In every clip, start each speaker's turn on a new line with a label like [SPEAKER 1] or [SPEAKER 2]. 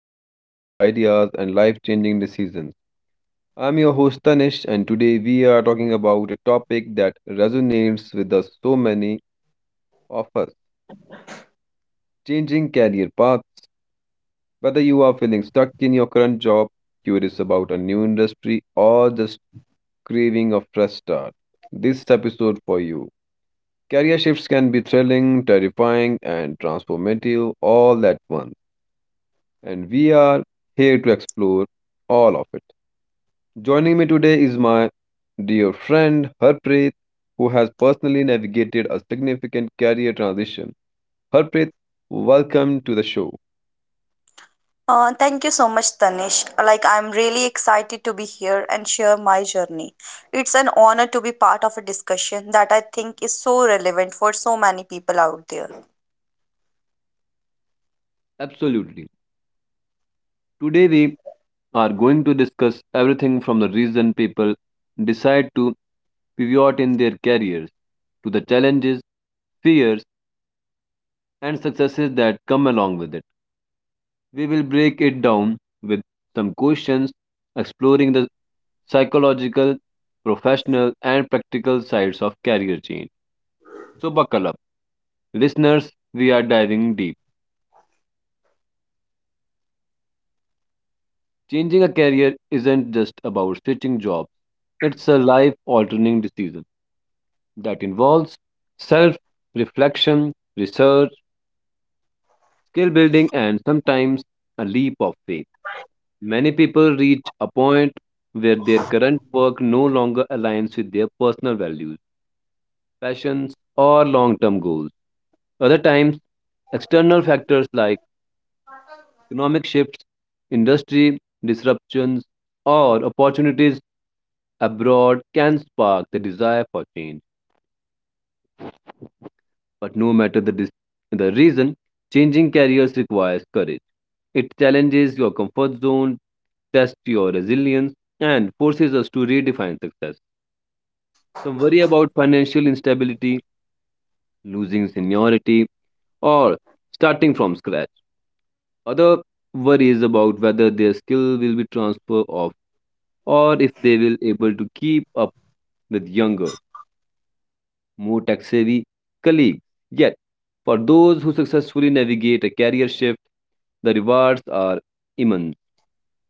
[SPEAKER 1] stories, ideas, and life changing decisions. I'm your host Tanish, and today we are talking about a topic that resonates with us so many of us changing career paths. Whether you are feeling stuck in your current job, curious about a new industry, or just craving a fresh start, this episode for you. Career shifts can be thrilling, terrifying, and transformative all at once, and we are here to explore all of it. Joining me today is my dear friend Harpreet, who has personally navigated a significant career transition. Harpreet, welcome to the show.
[SPEAKER 2] Thank you so much, Tanish. Like, I'm really excited to be here and share my journey. It's an honor to be part of a discussion that I think is so relevant for so many people out there.
[SPEAKER 1] Absolutely. Today we are going to discuss everything from the reason people decide to pivot in their careers to the challenges, fears, and successes that come along with it. We will break it down with some questions, exploring the psychological, professional, and practical sides of career change. So, buckle up. Listeners, we are diving deep. Changing a career isn't just about switching jobs, it's a life altering decision that involves self reflection, research, skill building, and sometimes a leap of faith. Many people reach a point where their current work no longer aligns with their personal values, passions, or long term goals. Other times, external factors like economic shifts, industry disruptions, or opportunities abroad can spark the desire for change. But no matter the reason, changing careers requires courage. It challenges your comfort zone, tests your resilience, and forces us to redefine success. Some worry about financial instability, losing seniority, or starting from scratch. Other worry is about whether their skill will be transferred off or if they will able to keep up with younger more tax-savvy colleagues. Yet, for those who successfully navigate a career shift, the rewards are immense.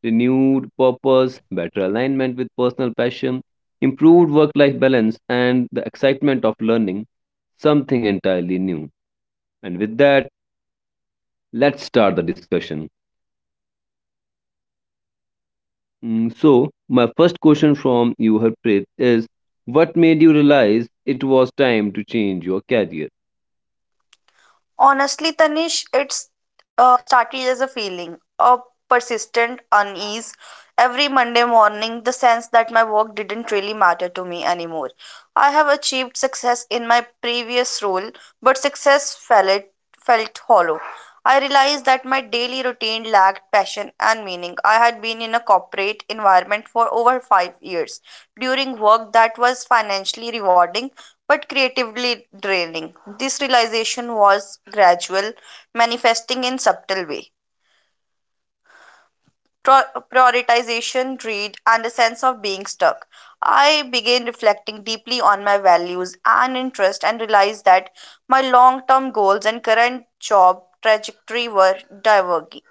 [SPEAKER 1] Renewed purpose, better alignment with personal passion, improved work life balance, and the excitement of learning something entirely new. And with that, let's start the discussion. So, my first question from you, Harpreet, is what made you realize it was time to change your career?
[SPEAKER 2] Honestly, Tanish, it's started as a feeling, a persistent unease. Every Monday morning, the sense that my work didn't really matter to me anymore. I have achieved success in my previous role, but success fell it. Felt hollow. I realized that my daily routine lacked passion and meaning. I had been in a corporate environment for over 5 years, during work that was financially rewarding but creatively draining. This realization was gradual, manifesting in subtle way, prioritization, greed, and a sense of being stuck. I began reflecting deeply on my values and interests and realized that my long term goals and current job trajectory were diverging.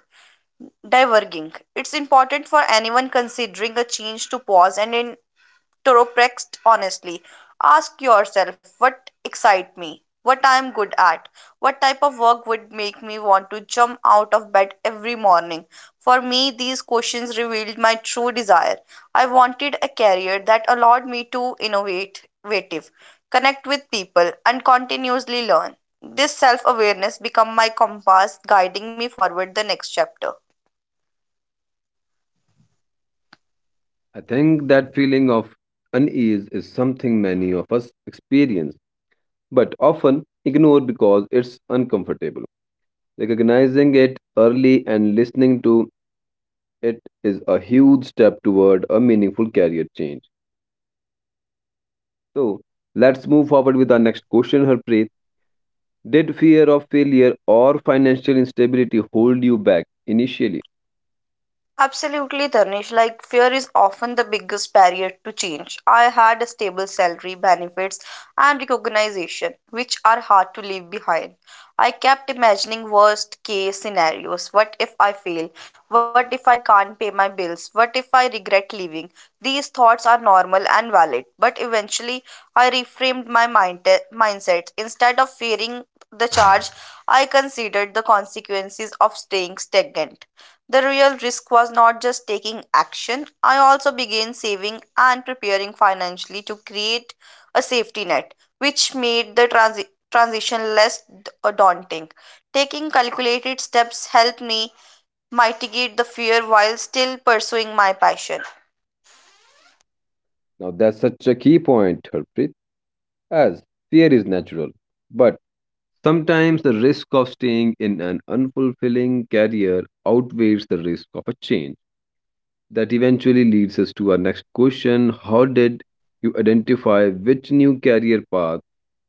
[SPEAKER 2] diverging. It's important for anyone considering a change to pause and Toroprext honestly. Ask yourself what excites me, what I am good at, what type of work would make me want to jump out of bed every morning. For me, these questions revealed my true desire. I wanted a career that allowed me to innovative, connect with people, and continuously learn. This self awareness became my compass, guiding me forward the next chapter.
[SPEAKER 1] I think that feeling of unease is something many of us experience, but often ignore because it's uncomfortable. Recognizing it early and listening to it is a huge step toward a meaningful career change. So, let's move forward with our next question, Harpreet. Did fear of failure or financial instability hold you back initially?
[SPEAKER 2] Absolutely, Tanish. Like, fear is often the biggest barrier to change. I had a stable salary, benefits, and recognition, which are hard to leave behind. I kept imagining worst case scenarios. What if I fail? What if I can't pay my bills? What if I regret leaving? These thoughts are normal and valid, but eventually I reframed my mindset. Instead of fearing the charge, I considered the consequences of staying stagnant. The real risk was not just taking action. I also began saving and preparing financially to create a safety net, which made the transition less daunting. Taking calculated steps helped me mitigate the fear while still pursuing my passion.
[SPEAKER 1] Now, that's such a key point, Harpreet, as fear is natural, but sometimes the risk of staying in an unfulfilling career outweighs the risk of a change. That eventually leads us to our next question. How did you identify which new career path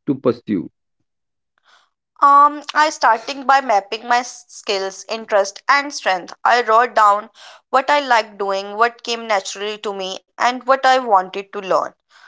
[SPEAKER 1] to pursue?
[SPEAKER 2] I starting by mapping my skills, interest, and strength. I wrote down what I like doing, what came naturally to me, and what I wanted to learn.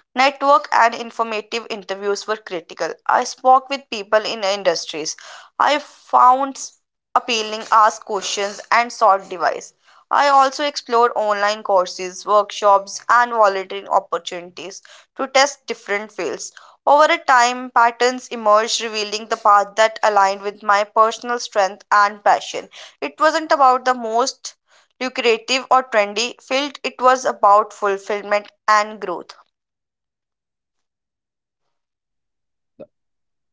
[SPEAKER 2] Network and informative interviews were critical. I spoke with people in industries. I found appealing, asked questions, and sought advice. I also explored online courses, workshops, and volunteering opportunities to test different fields. Over a time, patterns emerged, revealing the path that aligned with my personal strength and passion. It wasn't about the most lucrative or trendy field, it was about fulfillment and growth.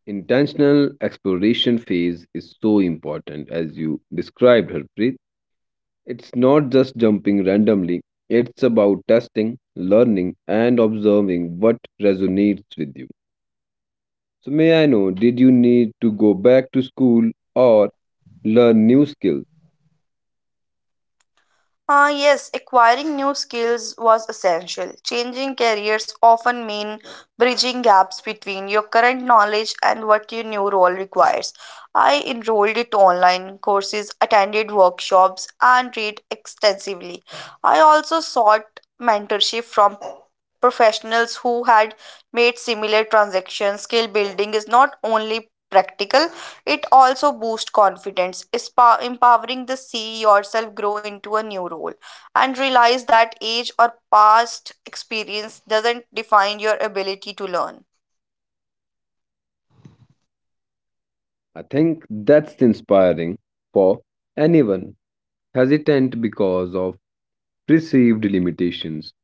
[SPEAKER 1] Intentional exploration phase is so important, as you described, Harpreet. It's not just jumping randomly, it's about testing, learning, and observing what resonates with you. So, may I know, did you need to go back to school or learn new skills.
[SPEAKER 2] Ah, yes, acquiring new skills was essential. Changing careers often mean bridging gaps between your current knowledge and what your new role requires. I enrolled in online courses, attended workshops, and read extensively. I also sought mentorship from professionals who had made similar transactions. Skill building is not only practical, it also boosts confidence, empowering the see yourself grow into a new role and realize that age or past experience doesn't define your ability to learn.
[SPEAKER 1] I think that's inspiring for anyone hesitant because of perceived limitations.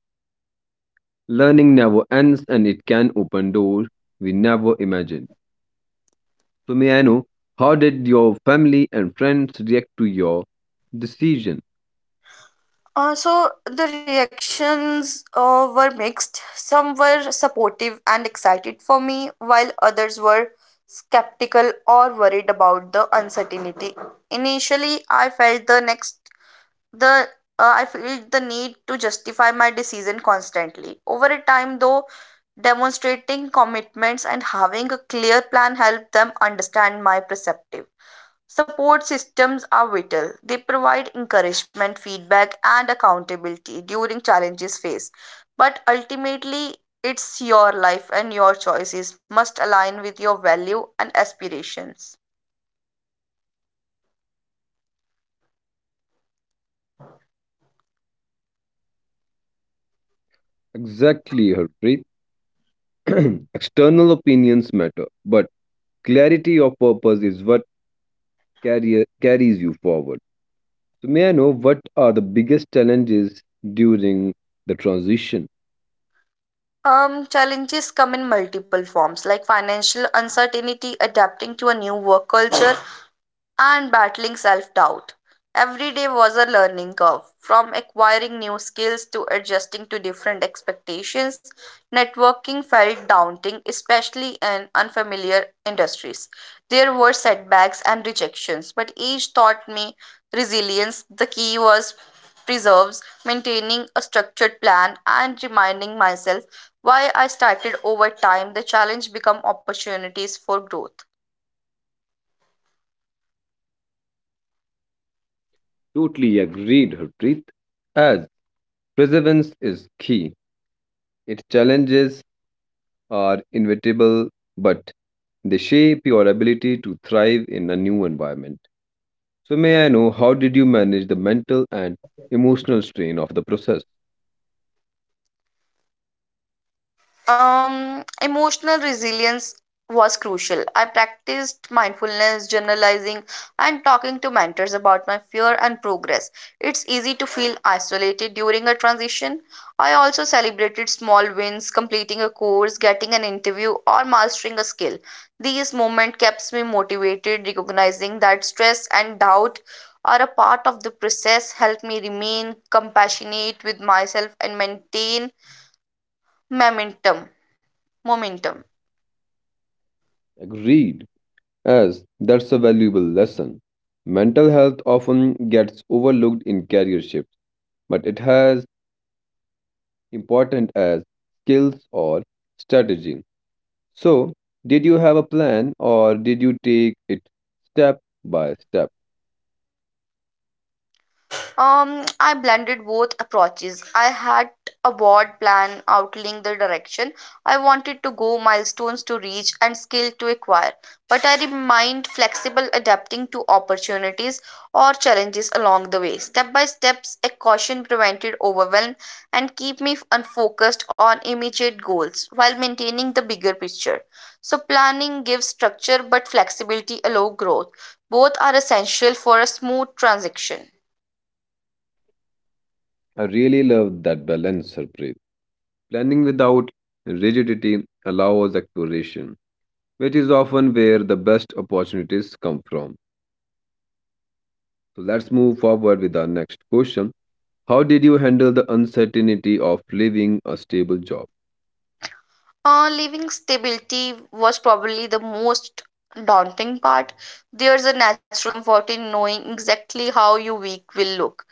[SPEAKER 1] Learning never ends and it can open doors we never imagined. So, may I know how did your family and friends react to your decision?
[SPEAKER 2] So the reactions were mixed. Some were supportive and excited for me, while others were skeptical or worried about the uncertainty. Initially, I felt the next the I feel the need to justify my decision constantly. Over a time though, demonstrating commitments and having a clear plan help them understand my perspective. Support systems are vital. They provide encouragement, feedback, and accountability during challenges faced, but ultimately, it's your life and your choices must align with your value and aspirations.
[SPEAKER 1] Exactly, Harpreet. External opinions matter, but clarity of purpose is what carrier carries you forward. So may I know what are the biggest challenges during the transition?
[SPEAKER 2] Challenges come in multiple forms, like financial uncertainty, adapting to a new work culture, and battling self doubt. Every day was a learning curve, from acquiring new skills to adjusting to different expectations. Networking felt daunting, especially in unfamiliar industries. There were setbacks and rejections, but each taught me resilience. The key was preserves, maintaining a structured plan, and reminding myself why I started over time. The challenge become opportunities for growth.
[SPEAKER 1] Totally agreed, Harpreet. As perseverance is key, its challenges are inevitable, but they shape your ability to thrive in a new environment. So may I know how did you manage the mental and emotional strain of the process?
[SPEAKER 2] Emotional resilience was crucial. I practiced mindfulness, journalizing, and talking to mentors about my fear and progress. It's easy to feel isolated during a transition. I also celebrated small wins, completing a course, getting an interview, or mastering a skill. These moments kept me motivated. Recognizing that stress and doubt are a part of the process helped me remain compassionate with myself and maintain momentum Momentum.
[SPEAKER 1] Agreed, as that's a valuable lesson. Mental health often gets overlooked in career shifts, but it has important as skills or strategy. So, did you have a plan or did you take it step by step?
[SPEAKER 2] I blended both approaches. I had a broad plan outlining the direction I wanted to go, milestones to reach, and skill to acquire. But I remained flexible, adapting to opportunities or challenges along the way. Step by steps, a caution prevented overwhelm and keep me unfocused on immediate goals while maintaining the bigger picture. So planning gives structure, but flexibility allows growth. Both are essential for a smooth transition.
[SPEAKER 1] I really love that balance, Harpreet. Planning without rigidity allows exploration, which is often where the best opportunities come from. So, let's move forward with our next question. How did you handle the uncertainty of leaving a stable job?
[SPEAKER 2] Leaving stability was probably the most daunting part. There's a natural comfort in knowing exactly how your week will look,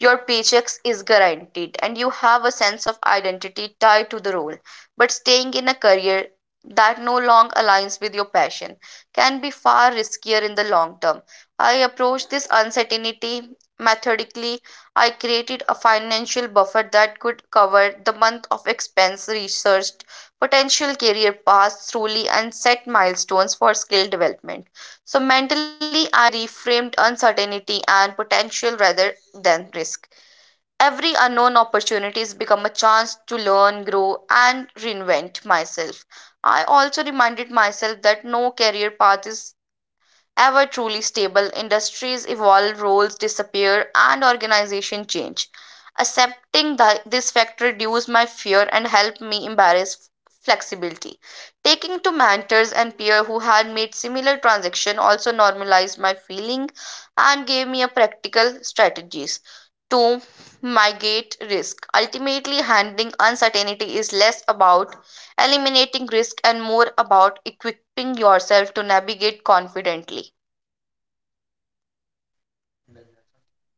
[SPEAKER 2] your paychecks is guaranteed, and you have a sense of identity tied to the role. But staying in a career that no longer aligns with your passion can be far riskier in the long term. I approached this uncertainty methodically. I created a financial buffer that could cover the month of expense, researched potential career paths thoroughly, and set milestones for skill development. So mentally, I reframed uncertainty and potential rather than risk. Every unknown opportunity has become a chance to learn, grow, and reinvent myself. I also reminded myself that no career path is ever truly stable. Industries evolve, roles disappear, and organizations change. Accepting this fact reduced my fear and helped me embrace flexibility. Taking to mentors and peers who had made similar transaction also normalized my feeling and gave me a practical strategies to mitigate risk. Ultimately, handling uncertainty is less about eliminating risk and more about equipping yourself to navigate confidently.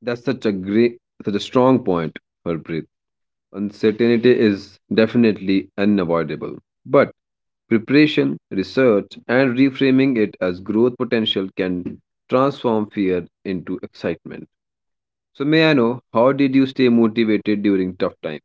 [SPEAKER 1] That's such a great, such a strong point, Harpreet. Uncertainty is definitely unavoidable, but preparation, research, and reframing it as growth potential can transform fear into excitement. So, may I know how did you stay motivated during tough times?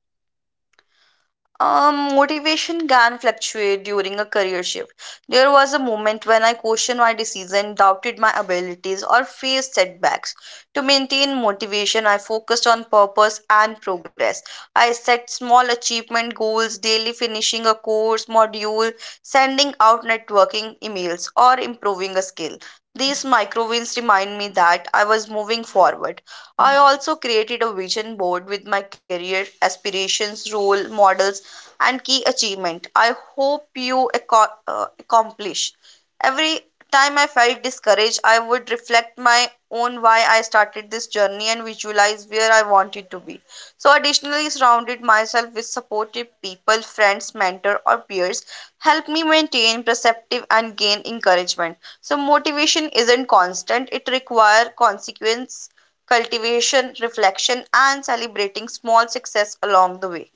[SPEAKER 2] Motivation can fluctuate during a career shift. There was a moment when I questioned my decision, doubted my abilities, or faced setbacks. To maintain motivation, I focused on purpose and progress. I set small achievement goals, daily finishing a course module, sending out networking emails, or improving a skill. These micro wins remind me that I was moving forward. I also created a vision board with my career aspirations, role models, and key achievement I hope you accomplish. Every time I felt discouraged, I would reflect my own why I started this journey and visualize where I wanted to be. So, additionally, surrounded myself with supportive people, friends, mentor, or peers help me maintain perceptive and gain encouragement. So, motivation isn't constant; it requires consequence, cultivation, reflection, and celebrating small success along the way.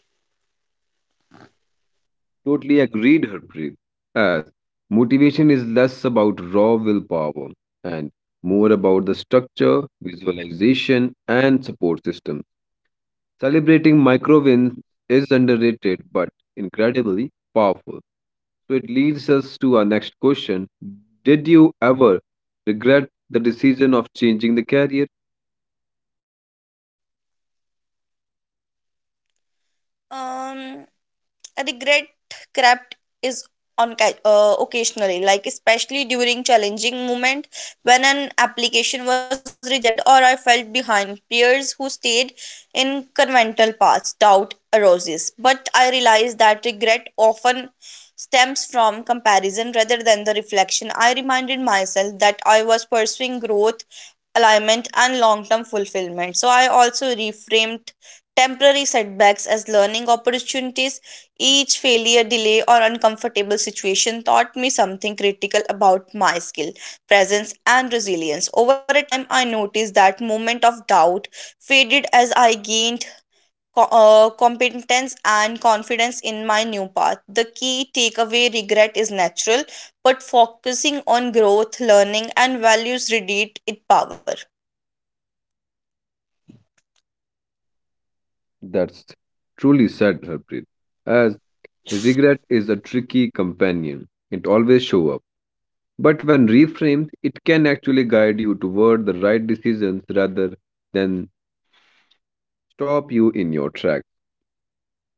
[SPEAKER 1] Totally agreed, Harpreet. As motivation is less about raw willpower and more about the structure, visualization, and support system. Celebrating micro wins is underrated but incredibly powerful. So it leads us to our next question. Did you ever regret the decision of changing the career?
[SPEAKER 2] Um, Regret crept is on occasionally, like especially during challenging moment when an application was rejected or I felt behind peers who stayed in conventional paths. Doubt arises, but I realized that regret often stems from comparison rather than the reflection. I reminded myself that I was pursuing growth, alignment, and long term fulfillment. So I also reframed temporary setbacks as learning opportunities. Each failure, delay, or uncomfortable situation taught me something critical about my skill, presence, and resilience. Over a time, I noticed that moment of doubt faded as I gained competence and confidence in my new path. The key takeaway, regret is natural, but focusing on growth, learning, and values radiate its power.
[SPEAKER 1] That's truly sad, Harpreet, as regret is a tricky companion. It always shows up. But when reframed, it can actually guide you toward the right decisions rather than stop you in your track.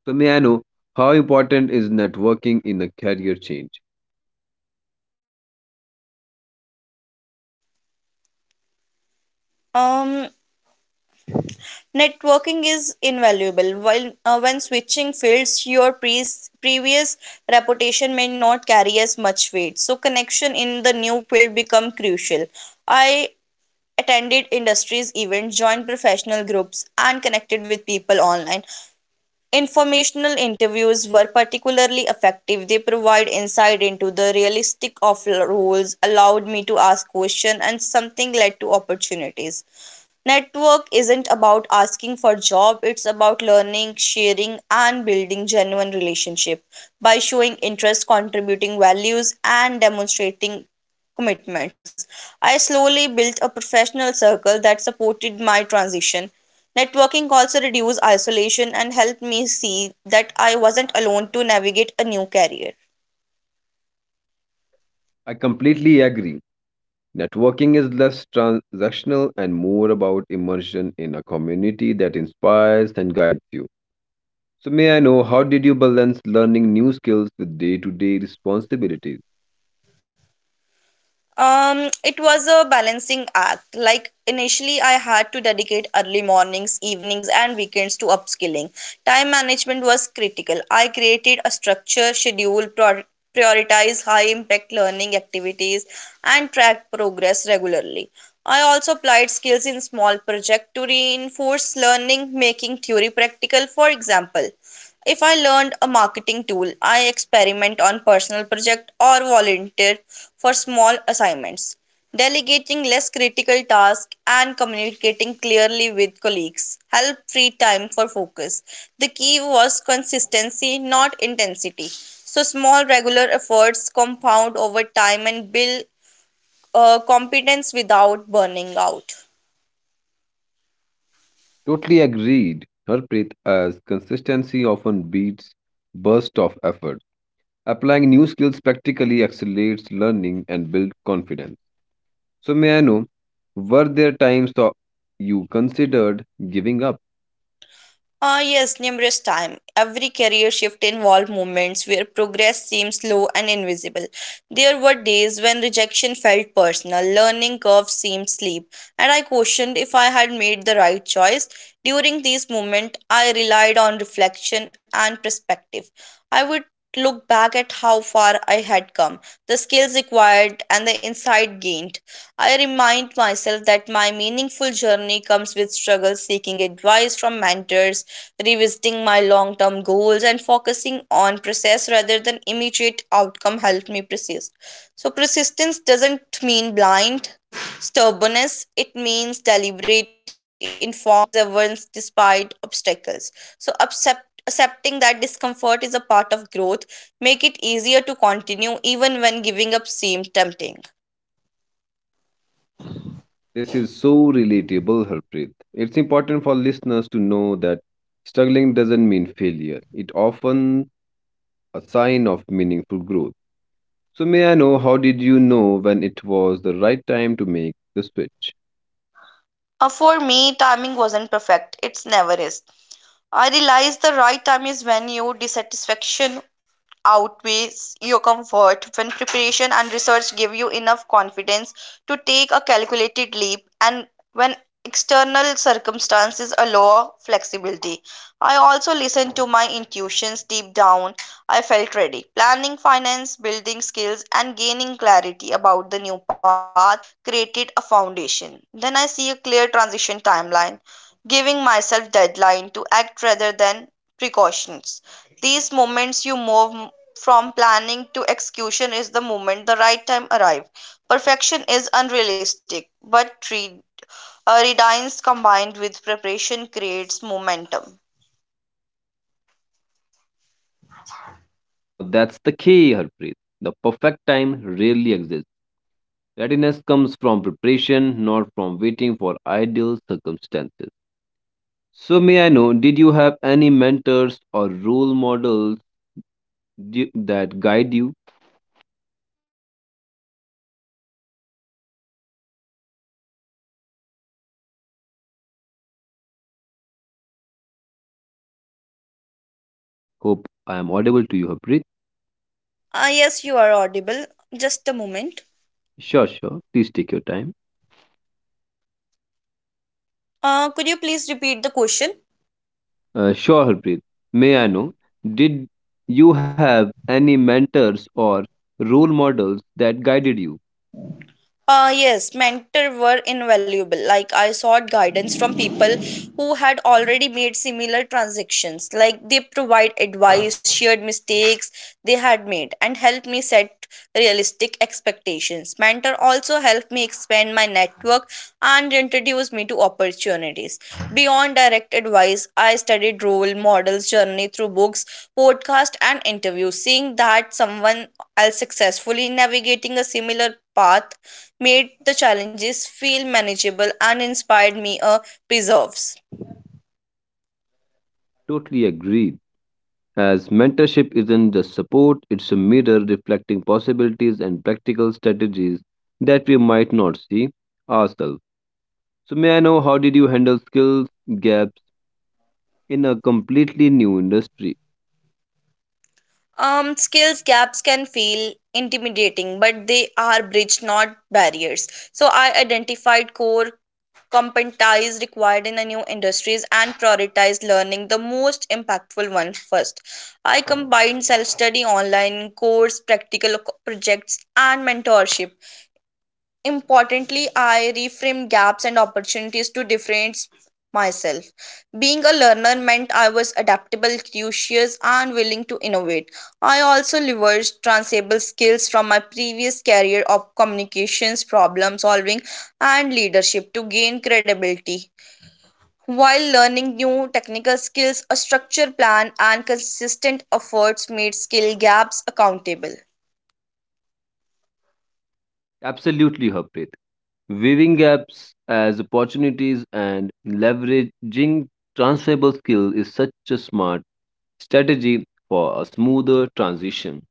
[SPEAKER 1] So may I know how important is networking in a career change?
[SPEAKER 2] Um, Networking is invaluable. While when switching fields, your previous reputation may not carry as much weight. So connection in the new field become crucial. I attended industries events, joined professional groups, and connected with people online. Informational interviews were particularly effective. They provide insight into the realistic of roles, allowed me to ask questions, and something led to opportunities. Network isn't about asking for job, it's about learning, sharing, and building genuine relationship by showing interest, contributing values, and demonstrating commitments. I slowly built a professional circle that supported my transition. Networking also reduced isolation and helped me see that I wasn't alone to navigate a new career.
[SPEAKER 1] I completely agree. Networking is less transactional and more about immersion in a community that inspires and guides you. So, may I know how did you balance learning new skills with day to day responsibilities?
[SPEAKER 2] It was a balancing act. Like initially, I had to dedicate early mornings, evenings, and weekends to upskilling. Time management was critical. I created a structure, schedule, prioritize high impact learning activities, and track progress regularly. I also applied skills in small projects to reinforce learning, making theory practical. For example, if I learned a marketing tool, I experiment on personal project or volunteer for small assignments. Delegating less critical tasks and communicating clearly with colleagues help free time for focus. The key was consistency, not intensity. So small regular efforts compound over time and build competence without burning out.
[SPEAKER 1] Totally agreed, Harpreet, as consistency often beats burst of effort. Applying new skills practically accelerates learning and builds confidence. So, may I know, were there times that you considered giving up?
[SPEAKER 2] Yes, numerous times. Every career shift involved moments where progress seemed slow and invisible. There were days when rejection felt personal, learning curves seemed steep, and I questioned if I had made the right choice. During these moments, I relied on reflection and perspective. I would look back at how far I had come, the skills acquired, and the insight gained. I remind myself that my meaningful journey comes with struggle, seeking advice from mentors, revisiting my long term goals, and focusing on process rather than immediate outcome helped me persist. So, persistence doesn't mean blind stubbornness, it means deliberate informed perseverance despite obstacles. So accepting that discomfort is a part of growth make it easier to continue even when giving up seems tempting.
[SPEAKER 1] This is so relatable, Harpreet. It's important for listeners to know that struggling doesn't mean failure. It often a sign of meaningful growth. So may I know how did you know when it was the right time to make the switch?
[SPEAKER 2] For me, timing wasn't perfect. It's never is. I realized the right time is when your dissatisfaction outweighs your comfort, when preparation and research give you enough confidence to take a calculated leap, and when external circumstances allow flexibility. I also listened to my intuitions deep down. I felt ready. Planning finance, building skills, and gaining clarity about the new path created a foundation. Then I see a clear transition timeline, giving myself deadline to act rather than precautions. These moments you move from planning to execution is the moment the right time arrive. Perfection is unrealistic, but redines combined with preparation creates momentum.
[SPEAKER 1] Now that's the key, Harpreet. The perfect time rarely exists. Readiness comes from preparation, not from waiting for ideal circumstances. So, may I know, did you have any mentors or role models that guide you? Hope I am audible to you, Harpreet.
[SPEAKER 2] Ah, yes, you are audible. Just a moment.
[SPEAKER 1] Sure, sure. Please take your time.
[SPEAKER 2] Could you please repeat the question?
[SPEAKER 1] Sure, Harpreet. May I know, did you have any mentors or role models that guided you?
[SPEAKER 2] Yes, mentor were invaluable. Like I sought guidance from people who had already made similar transactions. Like they provide advice, shared mistakes they had made, and helped me set realistic expectations. Mentor also helped me expand my network and introduced me to opportunities. Beyond direct advice, I studied role models journey through books, podcast, and interviews. Seeing that someone else successfully navigating a similar path made the challenges feel manageable and inspired me a preserves.
[SPEAKER 1] Totally agreed. As mentorship isn't just support, it's a mirror reflecting possibilities and practical strategies that we might not see ourselves. So, may I know how did you handle skills gaps in a completely new industry?
[SPEAKER 2] Skills gaps can feel intimidating, but they are bridge, not barriers. So I identified core competencies required in the new industries and prioritized learning the most impactful one first. I combined self-study, online course, projects, and mentorship. Importantly, I reframed gaps and opportunities to differentiate myself. Being a learner meant I was adaptable, curious, and willing to innovate. I also leveraged transferable skills from my previous career of communications, problem solving, and leadership to gain credibility. While learning new technical skills, a structured plan and consistent efforts made skill gaps accountable.
[SPEAKER 1] Absolutely, Harpreet. Viewing gaps as opportunities and leveraging transferable skill is such a smart strategy for a smoother transition.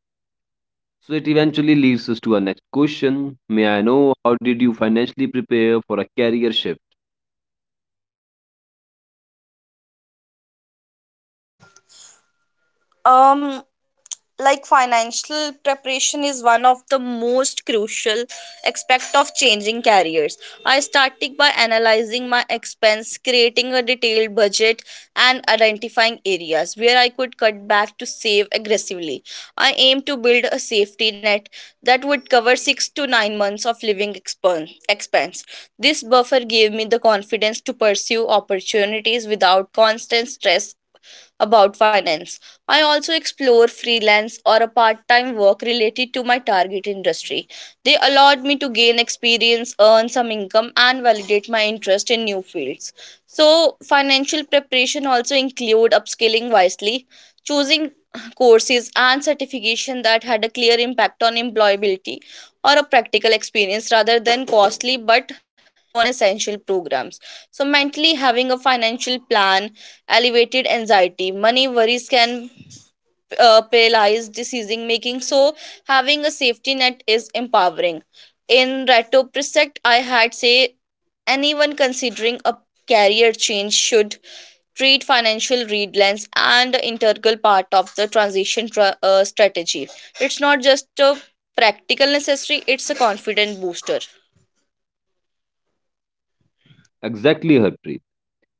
[SPEAKER 1] So it eventually leads us to our next question. May I know how did you financially prepare for a career shift?
[SPEAKER 2] Um like financial preparation is one of the most crucial aspect of changing careers. I started by analyzing my expense, creating a detailed budget, and identifying areas where I could cut back to save aggressively. I aim to build a safety net that would cover 6 to 9 months of expense. This buffer gave me the confidence to pursue opportunities without constant stress about finance. I also explore freelance or a part time work related to my target industry. They allowed me to gain experience, earn some income, and validate my interest in new fields. So, financial preparation also include upscaling wisely, choosing courses and certification that had a clear impact on employability or a practical experience rather than costly but non essential programs. So, mentally having a financial plan elevated anxiety. Money worries can paralyze decision making, so having a safety net is empowering. In retrospect, I had say anyone considering a career change should treat financial read lens and the integral part of the strategy. It's not just a practical necessary; it's a confident booster.
[SPEAKER 1] Exactly, Harpreet.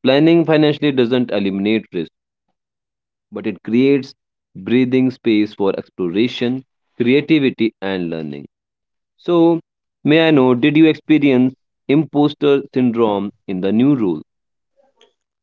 [SPEAKER 1] Planning financially doesn't eliminate risk, but it creates breathing space for exploration, creativity, and learning. So, may I know, did you experience imposter syndrome in the new role?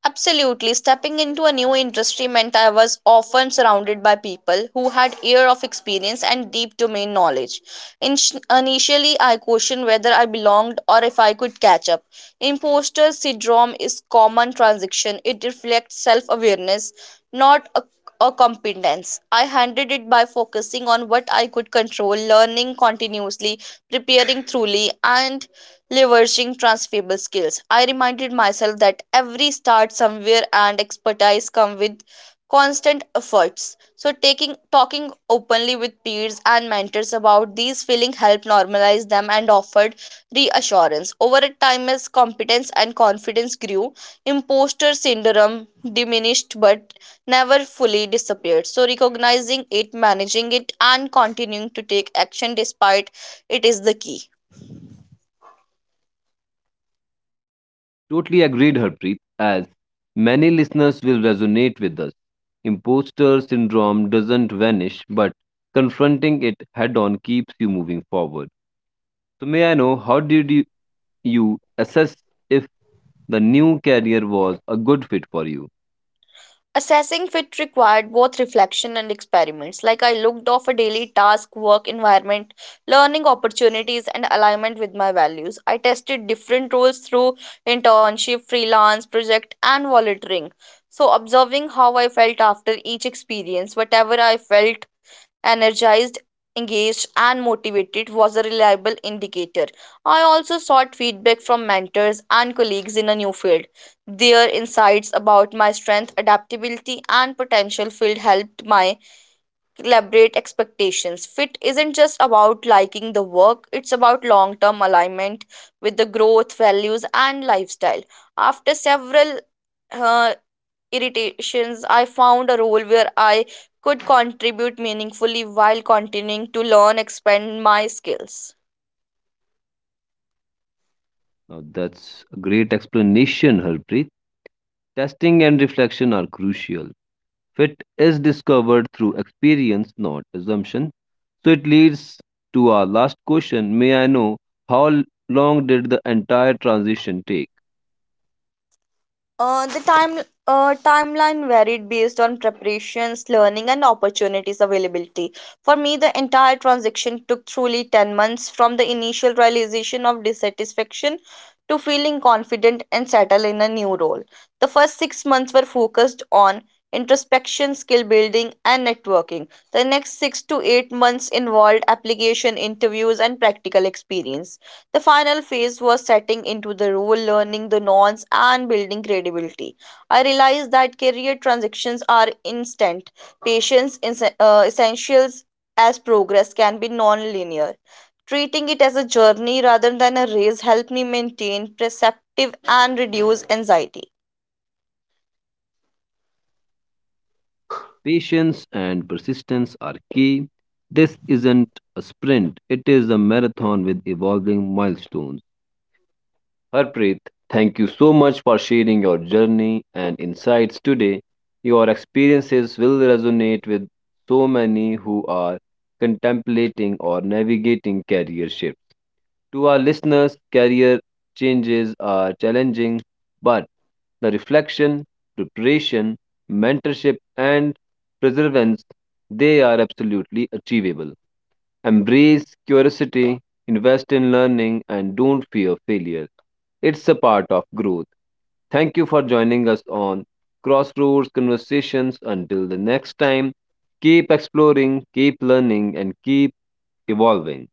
[SPEAKER 2] Absolutely. Stepping into a new industry meant I was often surrounded by people who had years of experience and deep domain knowledge. In- Initially, I questioned whether I belonged or if I could catch up. Imposter syndrome is common transition. It reflects self-awareness, not a, a competence. I handled it by focusing on what I could control, learning continuously, preparing truly, and leveraging transferable skills. I reminded myself that every start somewhere and expertise come with constant efforts. So taking talking openly with peers and mentors about these feeling helped normalize them and offered reassurance. Over a time, as competence and confidence grew, imposter syndrome diminished but never fully disappeared. So recognizing it, managing it, and continuing to take action despite it is the key.
[SPEAKER 1] Totally agreed, Harpreet, as many listeners will resonate with us. Imposter syndrome doesn't vanish, but confronting it head on keeps you moving forward. So, may I know, you assess if the new career was a good fit for you?
[SPEAKER 2] Assessing fit required both reflection and experiments. Like I looked off a daily task, work environment, learning opportunities, and alignment with my values. I tested different roles through internship, freelance, project, and volunteering. So, observing how I felt after each experience, whatever I felt energized, engaged, and motivated was a reliable indicator. I also sought feedback from mentors and colleagues in a new field. Their insights about my strength, adaptability, and potential field helped my collaborate expectations. Fit isn't just about liking the work, it's about long term alignment with the growth, values, and lifestyle. After several uh, irritations, I found a role where I could contribute meaningfully while continuing to learn, expand my skills.
[SPEAKER 1] Now, that's a great explanation, Harpreet. Testing and reflection are crucial. Fit is discovered through experience, not assumption. So it leads to our last question. May I know how l- long did the entire transition take?
[SPEAKER 2] The time Timeline varied based on preparations, learning, and opportunities availability. For me, the entire transaction took truly 10 months from the initial realization of dissatisfaction to feeling confident and settled in a new role. The first 6 months were focused on introspection, skill building, and networking. The next 6 to 8 months involved application interviews and practical experience. The final phase was setting into the role, learning the norms, and building credibility. I realized that career transitions are instant. Patience is essentials as progress can be non-linear. Treating it as a journey rather than a race helped me maintain perceptive and reduce anxiety.
[SPEAKER 1] Patience and persistence are key. This isn't a sprint, it is a marathon with evolving milestones. Harpreet, thank you so much for sharing your journey and insights today. Your experiences will resonate with so many who are contemplating or navigating career shifts. To our listeners, career changes are challenging, but the reflection, preparation, mentorship, and perseverance they are absolutely achievable. Embrace curiosity, invest in learning, and don't fear failure. It's a part of growth. Thank you for joining us on Crossroads Conversations. Until the next time, keep exploring, keep learning, and keep evolving.